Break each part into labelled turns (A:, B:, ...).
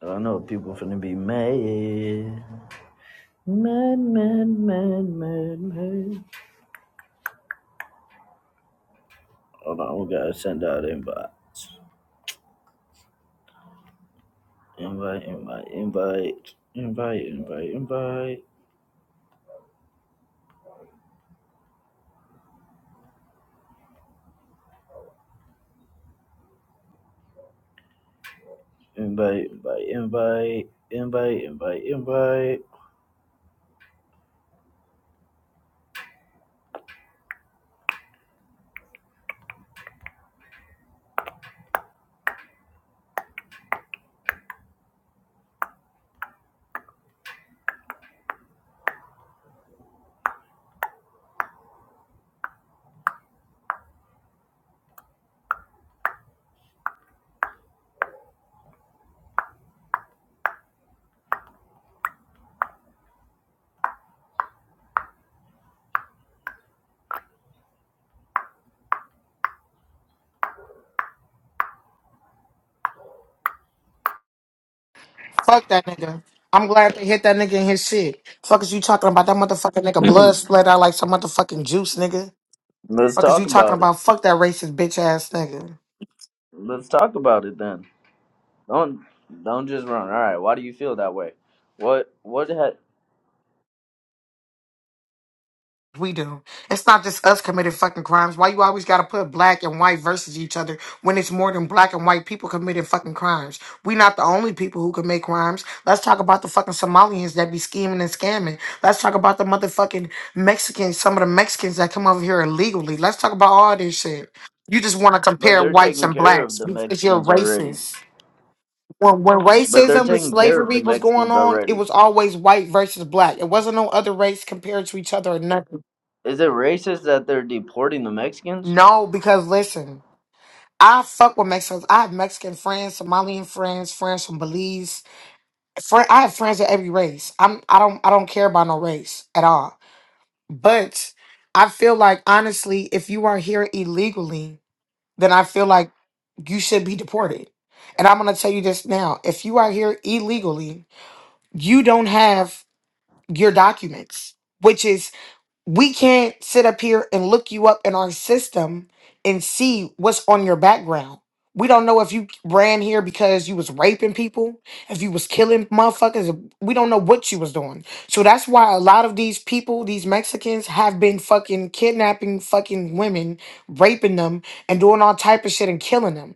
A: I know people finna be mad. Mad, mad, mad, mad, mad. Hold on, we gotta send out invites. Invite, invite, invite. Invite, invite, invite. Invite, invite, invite. Invite, invite, invite.
B: Fuck that nigga. I'm glad they hit that nigga in his shit. Fuck is you talking about? That motherfucking nigga blood split out like some motherfucking juice, nigga.
A: Let's
B: Fuck is you
A: talk
B: talking
A: about it.
B: about? Fuck that racist bitch ass nigga.
A: Let's talk about it then. Don't don't just run. All right. Why do you feel that way? What what ha-
B: We do. It's not just us committing fucking crimes. Why you always gotta put black and white versus each other when it's more than black and white people committing fucking crimes? We not the only people who commit crimes. Let's talk about the fucking Somalians that be scheming and scamming. Let's talk about the motherfucking Mexicans, some of the Mexicans that come over here illegally. Let's talk about all this shit. You just wanna
A: but
B: compare
A: they're
B: whites
A: taking
B: and
A: care
B: blacks
A: of the
B: because you're
A: Mexicans already.
B: racist. When, when
A: But they're
B: racism and
A: taking care of
B: slavery
A: the
B: was going
A: Mexicans
B: on, it
A: already.
B: was always white versus black. It wasn't no other race compared to each other or nothing.
A: Is it racist that they're deporting the Mexicans?
B: No, because listen, I fuck with Mexicans. I have Mexican friends, Somalian friends, friends from Belize. Friend, I have friends of every race. I'm I don't I don't care about no race at all. But I feel like honestly, if you are here illegally, then I feel like you should be deported. And I'm gonna tell you this now. If you are here illegally, you don't have your documents, which is. we can't sit up here and look you up in our system and see what's on your background. We don't know if you ran here because you was raping people, if you was killing motherfuckers. We don't know what you was doing. So that's why a lot of these people, these Mexicans, have been fucking kidnapping fucking women, raping them, and doing all type of shit and killing them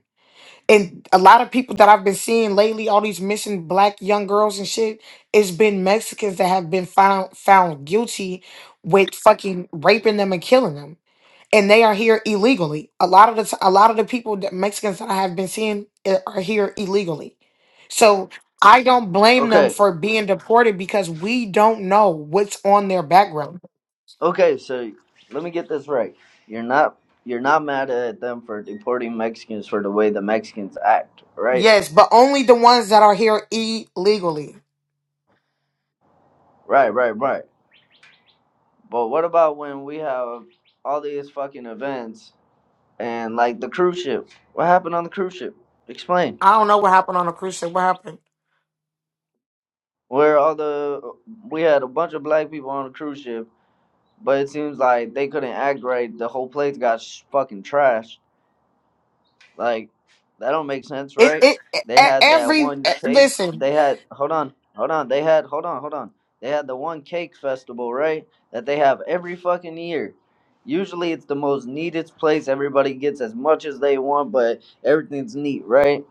B: and a lot of people that I've been seeing lately, all these missing black young girls and shit, it's been Mexicans that have been found found guilty with fucking raping them and killing them, and they are here illegally. A lot of the t- a lot of the people that Mexicans that I have been seeing uh, are here illegally, so I don't blame them
A: Okay,
B: for being deported because we don't know what's on their background.
A: okay. So let me get this right. You're not you're not mad at them for deporting Mexicans for the way the Mexicans act, right?
B: Yes, but only the ones that are here illegally.
A: Right, right, right. But what about when we have all these fucking events and like the cruise ship? What happened on the cruise ship? Explain.
B: I don't know what happened on the cruise ship. What happened?
A: Where all the we had a bunch of black people on the cruise ship, but it seems like they couldn't act right. The whole place got sh- fucking trashed Like that don't make sense,
B: It,
A: right?
B: it, e-
A: They
B: e,
A: had that
B: every
A: one
B: e,
A: cake.
B: listen,
A: They had hold on, hold on. They had hold on, hold on. They had the one cake festival, right? That they have every fucking year. Usually it's the most neatest place. Everybody gets as much as they want, but everything's neat, right?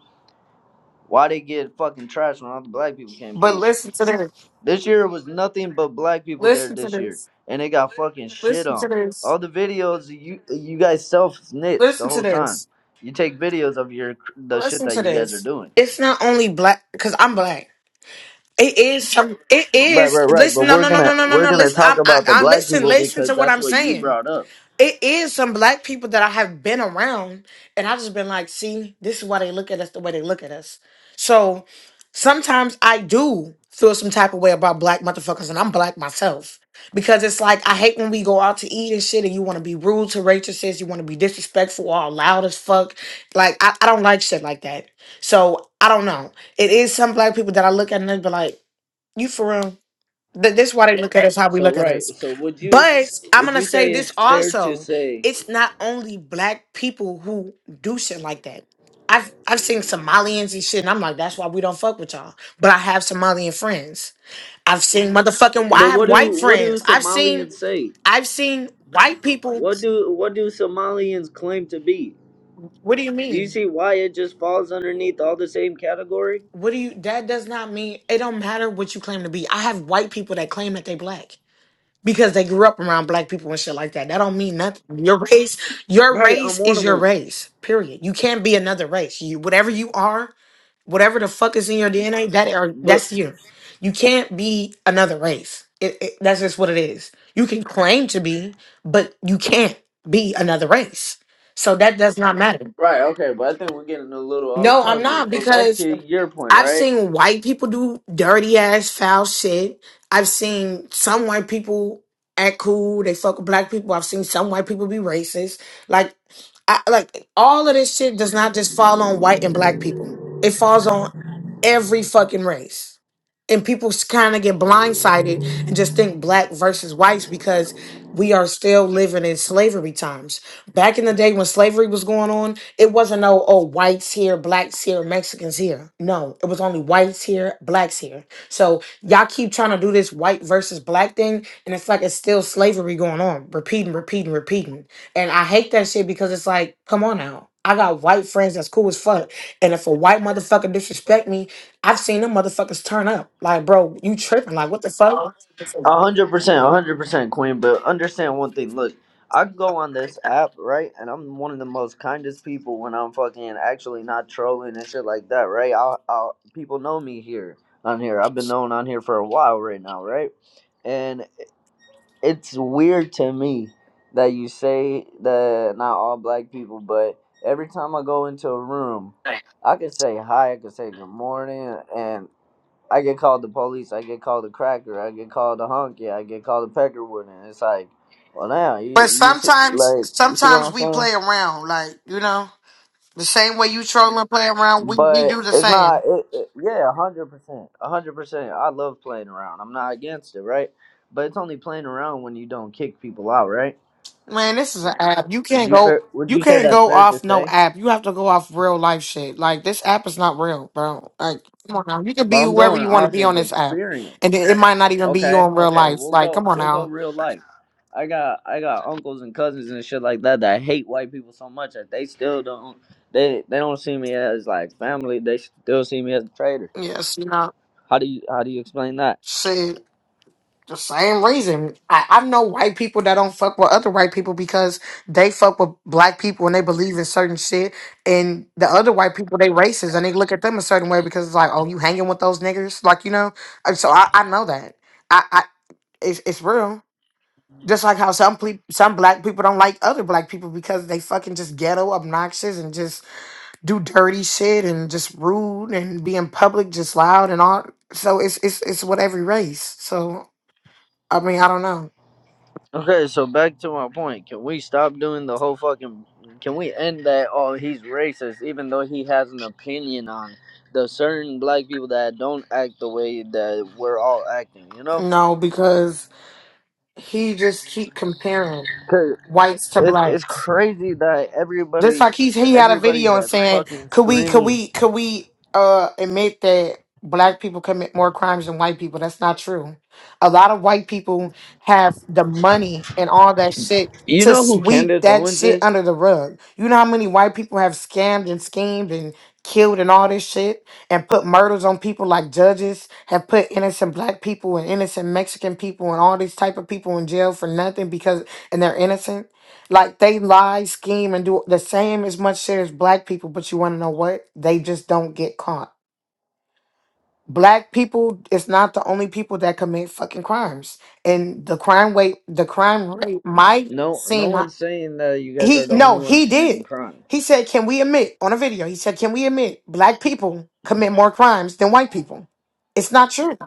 A: Why they get fucking trash when all the black people came
B: but
A: through?
B: listen to this.
A: This year was nothing but black people there
B: Listen to
A: this year,
B: this.
A: and they got fucking shit
B: Listen to
A: on.
B: this.
A: All the videos you you guys self snitch the
B: Listen to
A: whole time.
B: this.
A: You take videos of your the shit
B: Listen
A: that
B: to
A: you guys are
B: this.
A: doing.
B: It's not only black because I'm black. It is some. It
A: Right,
B: is.
A: right, right. But
B: Listen. No.
A: we're
B: No. No.
A: gonna
B: No. No. No.
A: we're
B: No.
A: gonna
B: Listen.
A: talk
B: I, I.
A: about the
B: I.
A: black
B: Listen.
A: people
B: Listen to
A: because
B: what
A: that's
B: I'm
A: what you
B: saying.
A: brought up.
B: it is some black people that I have been around, and I've just been like, see, this is why they look at us the way they look at us. So sometimes I do feel some type of way about black motherfuckers, and I'm black myself. Because it's like I hate when we go out to eat and shit, and you want to be rude to waitresses, you want to be disrespectful, all loud as fuck. Like I, I don't like shit like that. So I don't know. It is some black people that I look at and they be like, "You for real? Th- This is why they look at us how we
A: So
B: look at
A: right.
B: us.
A: So would you
B: But I'm
A: would
B: gonna
A: you
B: say
A: say
B: this
A: it's fair to
B: also.
A: say?
B: It's not only black people who do shit like that. I've I've seen Somalians and shit, and I'm like, that's why we don't fuck with y'all. But I have Somalian friends. I've seen motherfucking. I
A: But
B: have
A: what
B: white
A: do what do
B: friends. I've seen.
A: Somalians say?
B: I've seen white people.
A: What do what do Somalians claim to be?
B: What do you
A: Do you
B: mean?
A: see why it just falls underneath all the same category?
B: What do you? That does not mean. It don't matter what you claim to be. I have white people that claim that they black. because they grew up around black people and shit like that. That don't mean nothing. Your race, your
A: Right, I'm
B: race
A: one
B: is
A: of
B: your
A: them.
B: race. Period. You can't be another race. You whatever you are, whatever the fuck is in your DNA, that are
A: But
B: that's you. You can't be another race. It, it, that's just what it is. You can claim to be, but you can't be another race. So that does not matter.
A: right, okay, but I think we're getting a little off
B: No, I'm
A: topic.
B: not
A: But back
B: because
A: to your point,
B: I've
A: right?
B: seen white people do dirty ass foul shit. I've seen some white people act cool. They fuck with black people. I've seen some white people be racist. Like, I, like all of this shit does not just fall on white and black people. It falls on every fucking race. And people kind of get blindsided and just think black versus whites because we are still living in slavery times. Back in the day when slavery was going on, it wasn't no, oh, whites here, blacks here, Mexicans here. No, it was only whites here, blacks here. So y'all keep trying to do this white versus black thing, and it's like it's still slavery going on, repeating, repeating, repeating. And I hate that shit because it's like, come on now. I got white friends that's cool as fuck. And if a white motherfucker disrespect me, I've seen them motherfuckers turn up. Like, bro, you tripping. Like, what the fuck?
A: A hundred percent, a hundred percent, Queen. But understand one thing. Look, I go on this app, right, and I'm one of the most kindest people when I'm fucking actually not trolling and shit like that, right? I'll, I'll people know me here on here. I've been known on here for a while right now, right? and. it's weird to me that you say that not all black people, but every time I go into a room, I can say hi, I can say good morning, and I get called the police, I get called a cracker, I get called a honky, I get called a peckerwood, and it's like, well, now you
B: But
A: you see
B: sometimes,
A: like you see what
B: sometimes
A: I'm
B: we
A: saying.
B: play around, like you know, the same way you troll and play around. We we do
A: But
B: the
A: it's
B: same.
A: not, it, it, yeah, a hundred percent, a hundred percent. I love playing around. I'm not against it, right? But it's only playing around when you don't kick people out, right?
B: Man, this is an app. You
A: Would
B: can't
A: you
B: go.
A: fair, would
B: You
A: you say
B: can't
A: that's
B: go
A: fair to
B: off no
A: say?
B: app. You have to go off real life shit. Like this app is not real, bro. Like come on now. You can be
A: But I'm
B: whoever
A: going
B: you want to
A: off
B: be on
A: of
B: this app, and
A: experience.
B: it it might not even be you
A: Okay,
B: in real
A: okay,
B: life.
A: we'll
B: Like
A: go
B: come on
A: we'll go
B: now.
A: real life. I got I got uncles and cousins and shit like that that hate white people so much that they still don't they they don't see me as like family. They still see me as a traitor.
B: Yes, you know,
A: How do you how do you explain that?
B: shit. The same reason. I, I know white people that don't fuck with other white people because they fuck with black people and they believe in certain shit. And the other white people, they racist and they look at them a certain way because it's like, oh, you hanging with those niggas? Like, you know? And so I, I know that. I It's it's real. Just like how some people, some black people don't like other black people because they fucking just ghetto, obnoxious, and just do dirty shit and just rude and be in public just loud and all. So it's it's it's with every race. So I mean, I don't know.
A: Okay, so back to my point. Can we stop doing the whole fucking? Can we end that? Oh, he's racist, even though he has an opinion on the certain black people that don't act the way that we're all acting. You know,
B: No, because he just keep comparing
A: because
B: whites to
A: it's it's
B: blacks.
A: crazy that
B: Just
A: everybody,
B: like he's he had a
A: everybody
B: video and
A: that's
B: saying,
A: fucking
B: could we could
A: screaming.
B: we could we uh admit that black people commit more crimes than white people? That's not true. A lot of white people have the money and all that shit
A: You
B: to
A: know who
B: sweep
A: Candace
B: that
A: Owens
B: shit
A: is?
B: under the rug. You know how many white people have scammed and schemed and killed and all this shit and put murders on people like judges have put innocent black people and innocent Mexican people and all these type of people in jail for nothing because and they're innocent like they lie, scheme, and do the same as much shit as black people, but you want to know what? They just don't get caught. Black people is not the only people that commit fucking crimes, and the crime rate, the crime rate might
A: No, no
B: seem high.
A: one's saying that you guys
B: he
A: are the only
B: no
A: ones
B: he
A: committing
B: did.
A: crime.
B: He said, "Can we admit on a video?" He said, "Can we admit black people commit more crimes than white people?" It's not true.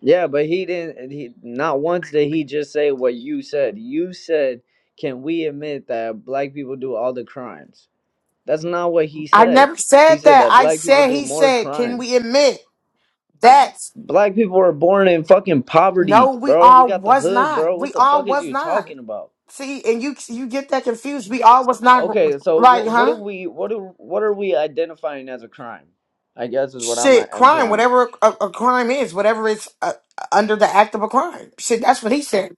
A: Yeah, but he didn't. He not once did he just say what you said. You said, "Can we admit that black people do all the crimes?" That's not what he
B: I
A: said.
B: never
A: He
B: said
A: said
B: that.
A: that
B: I
A: black people
B: said
A: do
B: he
A: more
B: said, "Can we
A: crimes.
B: admit that?"
A: Black people are born in fucking
B: No,
A: poverty,
B: we
A: bro. We
B: all
A: got the
B: was
A: hood,
B: not.
A: bro.
B: We
A: What the
B: all
A: fuck is
B: was
A: you
B: not.
A: talking about?
B: See, and you you get that confused. We all was not
A: Okay, so
B: like,
A: wh- what do
B: huh?
A: we what do what are we identifying as a crime? I guess is what I'm uh,
B: Shit, crime,
A: implying.
B: whatever a, a crime is, whatever it's uh, under the act of a crime. Shit, that's what he said.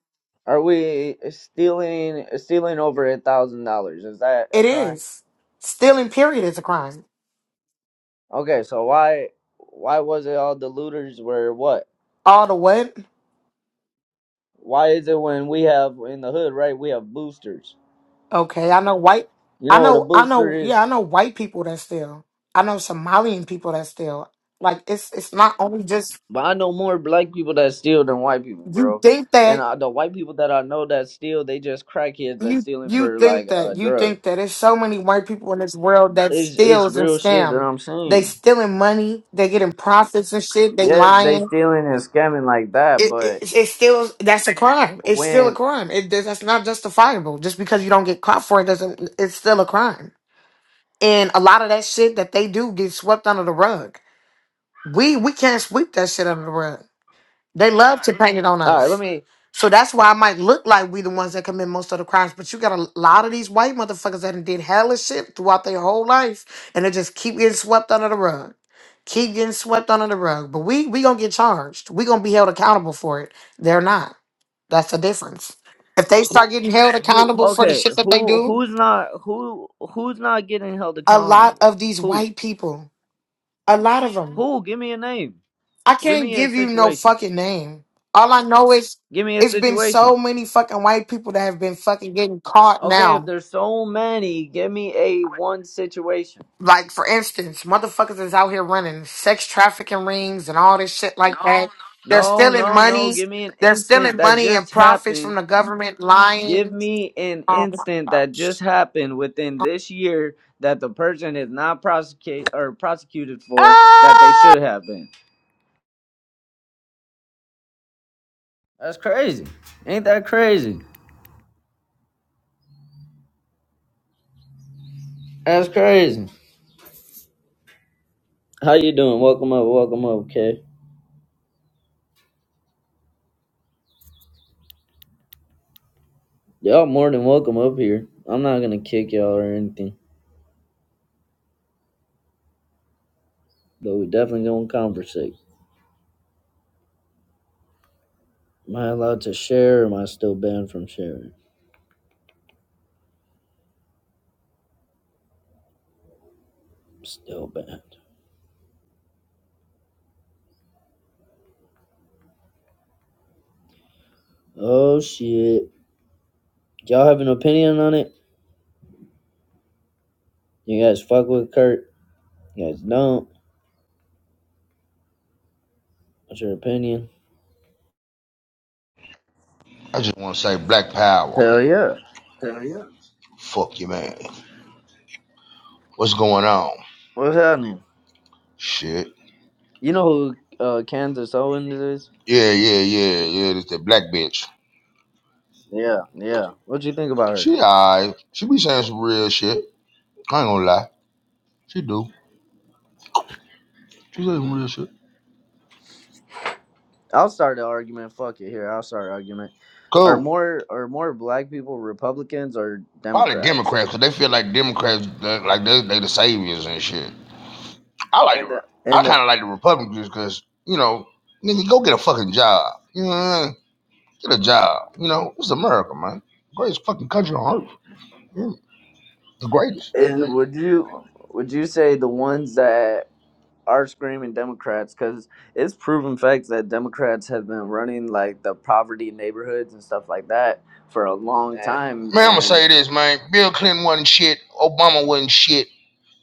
A: Are we stealing stealing over a thousand dollars? Is that a
B: It
A: crime?
B: is stealing. Period is a crime.
A: Okay, so why why was it all the looters were what?
B: All the what?
A: Why is it when we have in the hood, right? We have boosters.
B: Okay, I know white.
A: You
B: I
A: know what a
B: know. I
A: booster
B: know.
A: is?
B: Yeah, I know white people that steal. I know Somalian people that steal. Like it's it's not only just
A: But I know more black people that steal than white people,
B: you
A: bro.
B: think that
A: And uh, the white people that I know that steal, they just crackheads that
B: you
A: stealing
B: you
A: for
B: think
A: like
B: that
A: uh
B: you think
A: drugs.
B: that there's so many white people in this world that
A: It's it's
B: steals and
A: real shit that
B: scam.
A: I'm
B: They
A: seeing.
B: stealing money. They getting profits and shit. They
A: Yes, they
B: lying.
A: stealing and scamming like that,
B: It
A: but
B: it, it still that's a crime. It's still a
A: when
B: crime. It that's not justifiable. Just because you don't get caught for it doesn't. It's still a crime. And a lot of that shit that they do get swept under the rug. We we can't sweep that shit under the rug. They love to paint it on
A: all right, let
B: us.
A: me
B: So that's why I might look like we the ones that commit most of the crimes. But you got a lot of these white motherfuckers that done did hellish shit throughout their whole life. And they just keep getting swept under the rug. Keep getting swept under the rug. But we we gonna get charged. We gonna be held accountable for it. They're not. That's the difference. If they start getting held
A: who
B: accountable for the
A: okay
B: shit that they
A: who
B: do,
A: who's not who who's not getting held
B: a lot
A: accountable?
B: of these
A: Who?
B: white people, a lot of them.
A: Who? Give me a name.
B: I
A: Give
B: can't
A: me a
B: give you no
A: situation.
B: fucking name. All I know is
A: Give me a
B: it's been so
A: situation.
B: many fucking white people that have been fucking getting caught
A: Okay, if
B: now.
A: there's so many, give me a one situation.
B: Like for instance, motherfuckers is out here running sex trafficking rings and all this shit like that. They're
A: No,
B: stealing
A: no, no.
B: money.
A: Give me an
B: They're
A: instant
B: stealing
A: that
B: money and
A: just
B: profits
A: happened.
B: from the government,
A: Give
B: lying.
A: me an
B: Oh my
A: instant that
B: gosh.
A: just happened within this year that the person is not prosecute or prosecuted for that they
C: Ah!
A: should have been. That's crazy. Ain't that crazy? That's crazy. How you doing? Welcome up. Welcome up, okay? Y'all more than welcome up here. I'm not gonna kick y'all or anything. but we definitely gonna conversate. Am I allowed to share or am I still banned from sharing? I'm Still banned. Oh shit. Y'all have an opinion on it? You guys fuck with Kurt? You guys don't? What's your opinion?
D: I just want to say Black Power.
A: Hell yeah.
D: Fuck you, man. What's going on?
A: What's happening?
D: Shit.
A: You know who uh, Kansas Owens is?
D: Yeah, yeah, yeah, yeah. This that black bitch.
A: Yeah. What'd you think about her?
D: She alright. She be saying some real shit. I ain't gonna lie. She do. She say some real shit.
A: I'll start the argument. Fuck it. Here, I'll start an argument. Are
D: Cool.
A: more are more black people Republicans or
D: Probably
A: Democrats?
D: Democrats, cause they feel like Democrats, they- like they they the saviors and shit. I like, the, I
A: And the,
D: kind of like the Republicans, cause you know, nigga, go get a fucking job. You know, what I mean? get a job. You know, it's America, man. Greatest fucking country on earth. Mm, The greatest.
A: and would you would you say the ones that are screaming Democrats because it's proven facts that Democrats have been running like the poverty neighborhoods and stuff like that for a long time,
D: Man, I'm gonna
A: and
D: say this, man. Bill Clinton wasn't shit. Obama wasn't shit.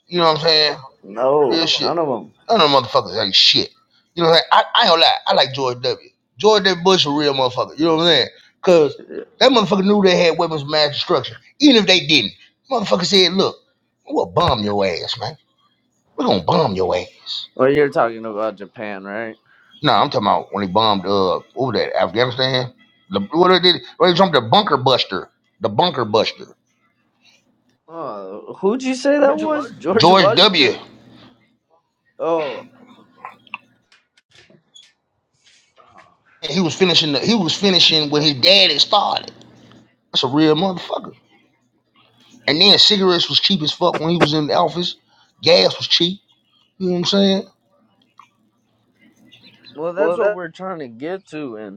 D: You know what I'm saying?
A: no,
D: Real shit.
A: none of them.
D: None of them motherfuckers ain't shit. You know what I'm saying? I, I ain't gonna lie. I like George W. George W. Bush a real motherfucker. You know what I'm saying? Cause that motherfucker knew they had weapons of mass destruction. Even if they didn't, motherfucker said, "Look, we'll bomb your ass, man. We're gonna bomb your ass."
A: Well, you're talking about Japan, right?
D: Nah, I'm talking about when they bombed uh over that Afghanistan. The, what they did? They jumped the bunker buster. The bunker buster.
A: Oh, who'd you say that was? George
D: George W.
A: Washington. Oh,
D: And he was finishing. The, he was finishing where his dad had started. That's a real motherfucker. And then cigarettes was cheap as fuck when he was in the office. Gas was cheap. You know what I'm saying?
A: well, that's what we're trying to get to,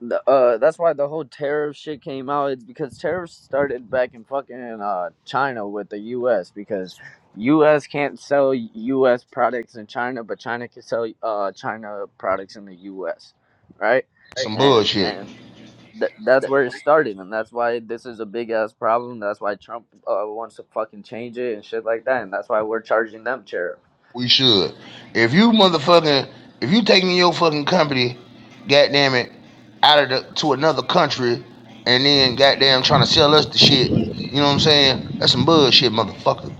A: The, uh, that's why the whole tariff shit came out. It's because tariffs started back in fucking uh, China with the U.S. because U.S. can't sell U.S. products in China, but China can sell uh, China products in the U.S. Right,
D: Some
A: and
D: bullshit.
A: th- that's where it started, and that's why this is a big ass problem. That's why Trump uh, wants to fucking change it and shit like that, and that's why we're charging them tariff.
D: We should. If you motherfucking, if you taking your fucking company, goddamn it, out of the to another country, and then goddamn trying to sell us the shit. You know what I'm saying? That's some bullshit, motherfucker.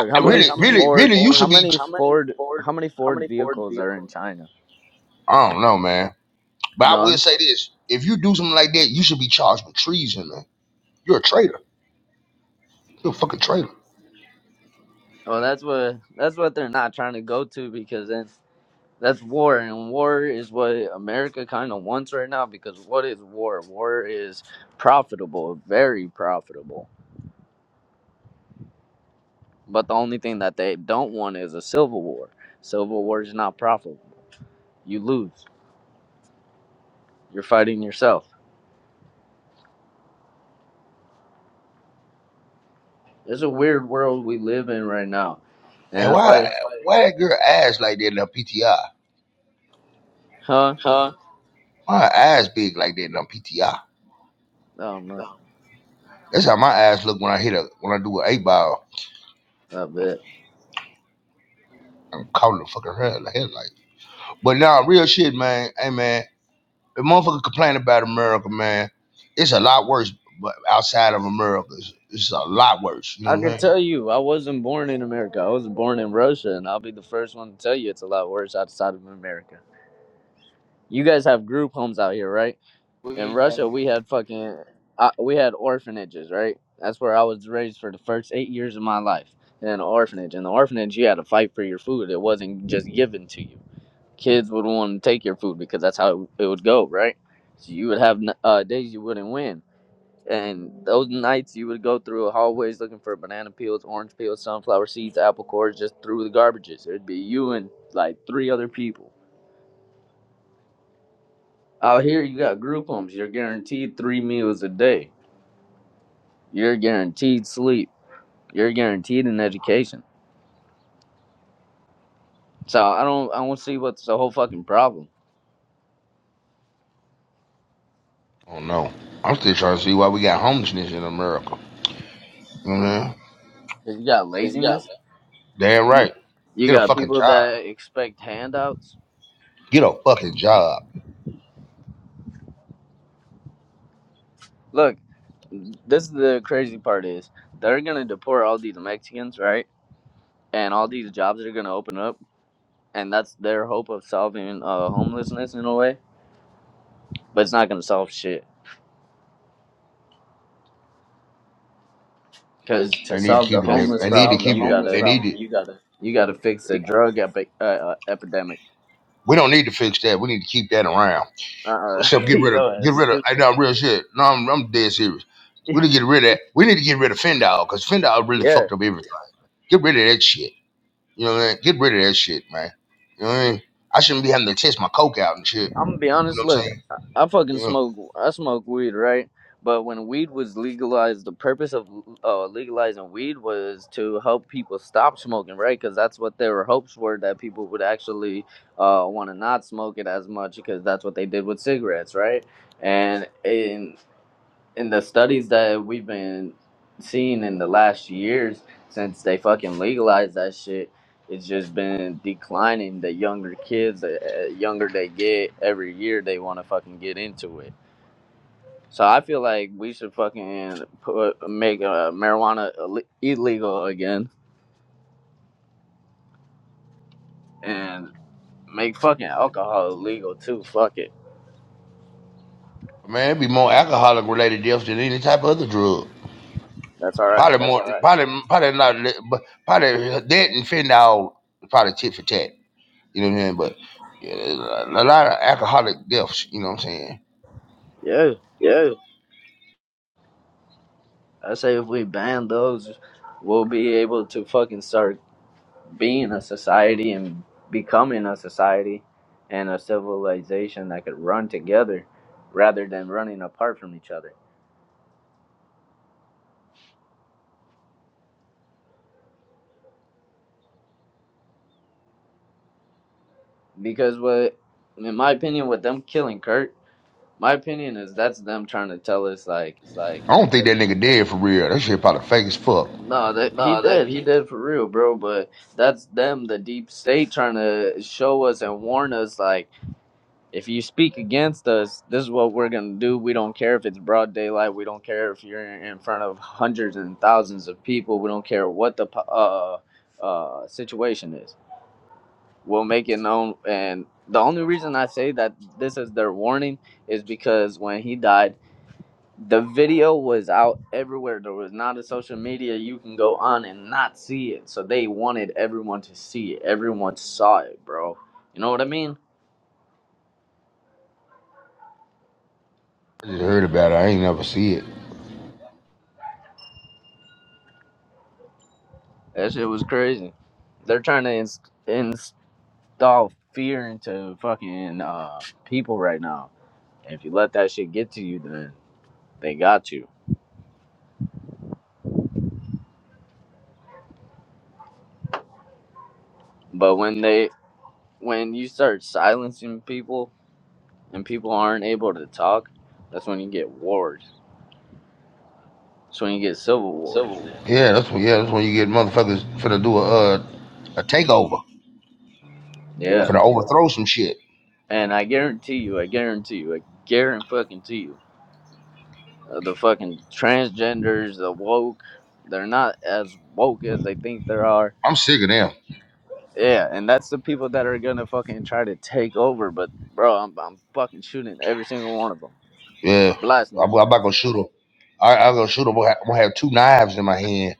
D: I-
A: how many
D: Really, really,
A: Ford,
D: really, you
A: how
D: should be.
A: many Ford, how many Ford vehicles are in China?
D: I don't know, man. But I
A: None.
D: will say this: if you do something like that, you should be charged with treason, man. You're a traitor. You're a fucking traitor,
A: Well, that's what that's what they're not trying to go to because then that's war, and war is what America kind of wants right now. Because what is war? War is profitable, very profitable. But the only thing that they don't want is a civil war. Civil war is not profitable. You lose. You're fighting yourself. It's a weird world we live in right now,
D: man.
A: and that's
D: Why,
A: why,
D: why that girl ass like that in her PTI?
A: huh?
D: Why her ass big like that in her PTI?
A: I don't know.
D: That's how my ass look when I hit a when I do an eight ball.
A: I bet.
D: I'm calling the fucking head like headlight. But now, nah, real shit, man. Hey, man, the motherfucker complain about America, man. It's a lot worse, but outside of America, it's, it's a lot worse. You
A: I
D: know what I'm
A: can
D: saying?
A: tell you, I wasn't born in America. I was born in Russia, and I'll be the first one to tell you it's a lot worse outside of America. You guys have group homes out here, right? In Russia, we had fucking, uh, we had orphanages, right? That's where I was raised for the first eight years of my life in an orphanage. In the orphanage, you had to fight for your food. It wasn't just given to you. Kids would want to take your food because that's how it would go, right? So you would have uh, days you wouldn't win. And those nights you would go through hallways looking for banana peels, orange peels, sunflower seeds, apple cores, just through the garbages. It'd be you and like three other people. Out here you got group homes. You're guaranteed three meals a day. You're guaranteed sleep. You're guaranteed an education. So I don't I don't see what's the whole fucking problem.
D: Oh no, I'm still trying to see why we got homelessness in America. You know what I'm saying?
A: 'Cause You got laziness.
D: Damn right.
A: You
D: Get a
A: got
D: fucking
A: people
D: job.
A: that expect handouts.
D: Get a fucking job.
A: Look, this is the crazy part is they're gonna deport all these Mexicans, right? And all these jobs that are gonna open up and that's their hope of solving uh, homelessness in a way. But it's not gonna solve shit because to
D: They need to
A: solve
D: keep
A: the
D: the
A: homeless
D: They need to
A: problem,
D: keep it.
A: you
D: They
A: gotta
D: need to.
A: you gotta fix the drug epi- uh, uh, epidemic.
D: We don't need to fix that. We need to keep that around.
A: Uh, uh
D: Except get rid of.
A: yo,
D: Get
A: that's
D: rid of. I
A: stupid.
D: know I'm real shit. No, I'm, I'm dead serious. We need to get rid of that. We need to get rid of Fendal because Fendal really
A: Yeah.
D: fucked up everything. Get rid of that shit. You know what I mean? Get rid of that shit, man. You know what I mean? I shouldn't be having to test my coke out and shit.
A: I'm gonna be
D: You
A: honest.
D: know what I'm
A: Look,
D: saying?
A: I, I fucking
D: Yeah.
A: smoke. I smoke weed, right? But when weed was legalized, the purpose of uh, legalizing weed was to help people stop smoking, right? Because that's what their hopes were that people would actually uh, want to not smoke it as much, because that's what they did with cigarettes, right? And, in in the studies that we've been seeing in the last years since they fucking legalized that shit, it's just been declining. The younger kids, the uh, younger they get, every year they want to fucking get into it. So I feel like we should fucking put make uh, marijuana Ill- illegal again and make fucking alcohol illegal too. Fuck it,
D: Man, it'd be more alcoholic related deaths than any type of other drug.
A: that's all right.
D: Probably more, probably, probably not, li- but probably that and fentanyl, probably tit for tat. You know what I mean? But yeah, there's a a lot of alcoholic deaths. You know what I'm saying?
A: Yeah, I say if we ban those, we'll be able to fucking start being a society and becoming a society and a civilization that could run together rather than running apart from each other. Because what, in my opinion, with them killing Kurt, my opinion is that's them trying to tell us like,
D: I don't think that nigga dead for real. That shit probably fake as fuck.
A: no, that he did, he did for real, bro. But that's them, the deep state, trying to show us and warn us like. if you speak against us, this is what we're going to do. We don't care if it's broad daylight. We don't care if you're in front of hundreds and thousands of people. We don't care what the uh, uh, situation is. We'll make it known. And the only reason I say that this is their warning is because when he died, the video was out everywhere. There was not a social media you can go on and not see it. So they wanted everyone to see it. Everyone saw it, bro. You know what I mean?
D: I just heard about it. I ain't never see it.
A: That shit was crazy. They're trying to ins- install fear into fucking uh, people right now. And if you let that shit get to you, then they got you. But when they when you start silencing people and people aren't able to talk, that's when you get wars. That's when you get civil wars.
D: Yeah, that's when. Yeah, that's when you get motherfuckers finna do a uh, a takeover,
A: Yeah.
D: finna overthrow some shit.
A: And I guarantee you, I guarantee you, I guarantee fucking to you, uh, the fucking transgenders, the woke, they're not as woke as they think they are
D: I'm sick of them.
A: Yeah, and that's the people that are gonna fucking try to take over. But bro, I'm I'm fucking shooting every single one of them,
D: Yeah,
A: blasting
D: I'm,
A: their
D: I'm about to go
A: ass.
D: shoot them. I, I go shoot them. I'm gonna have two knives in my hand.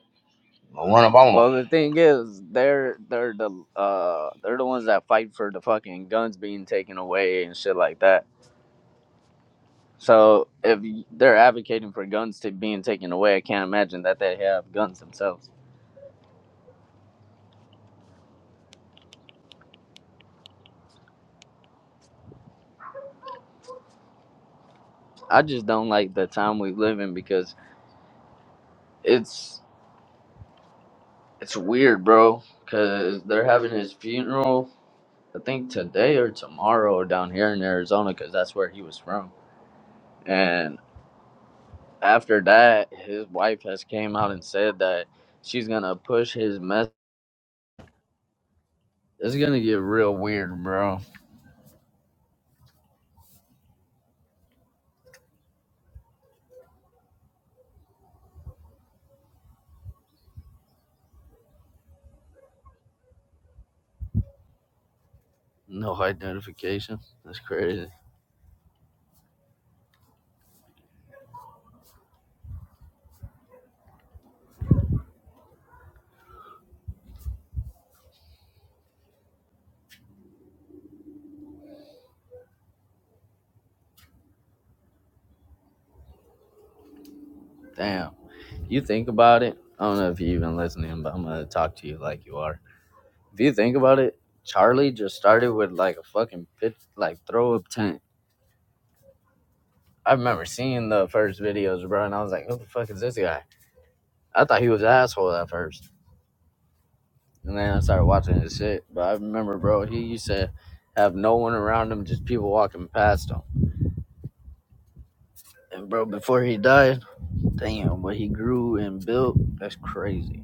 D: I'm gonna run up on on 'em.
A: Well, the thing is, they're they're the uh they're the ones that fight for the fucking guns being taken away and shit like that. So if y- they're advocating for guns to being taken away, I can't imagine that they have guns themselves. I just don't like the time we live in because it's it's weird, bro. Cause they're having his funeral I think today or tomorrow down here in Arizona because that's where he was from. And after that, his wife has came out and said that she's gonna push his mess. It's gonna get real weird, bro. No hide notification. That's crazy. Damn. You think about it. I don't know if you're even listening, but I'm gonna talk to you like you are. If you think about it, Charlie just started with like a fucking pit, like throw up tent. I remember seeing the first videos, bro, and I was like, "Who the fuck is this guy?" I thought he was an asshole at first. And then I started watching his shit. But I remember, bro, he used to have no one around him, just people walking past him. And, bro, before he died, damn, what he grew and built, that's crazy.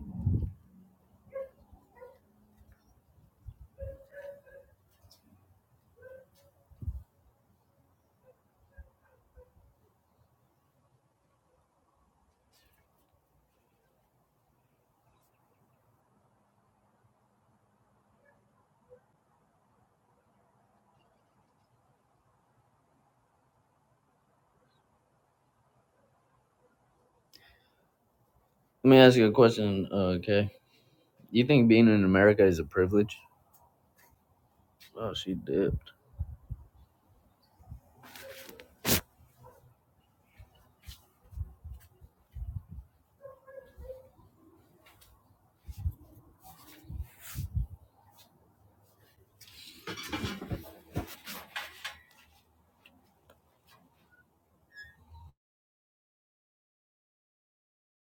A: Let me ask you a question, uh, okay? You think being in America is a privilege? Oh, she did.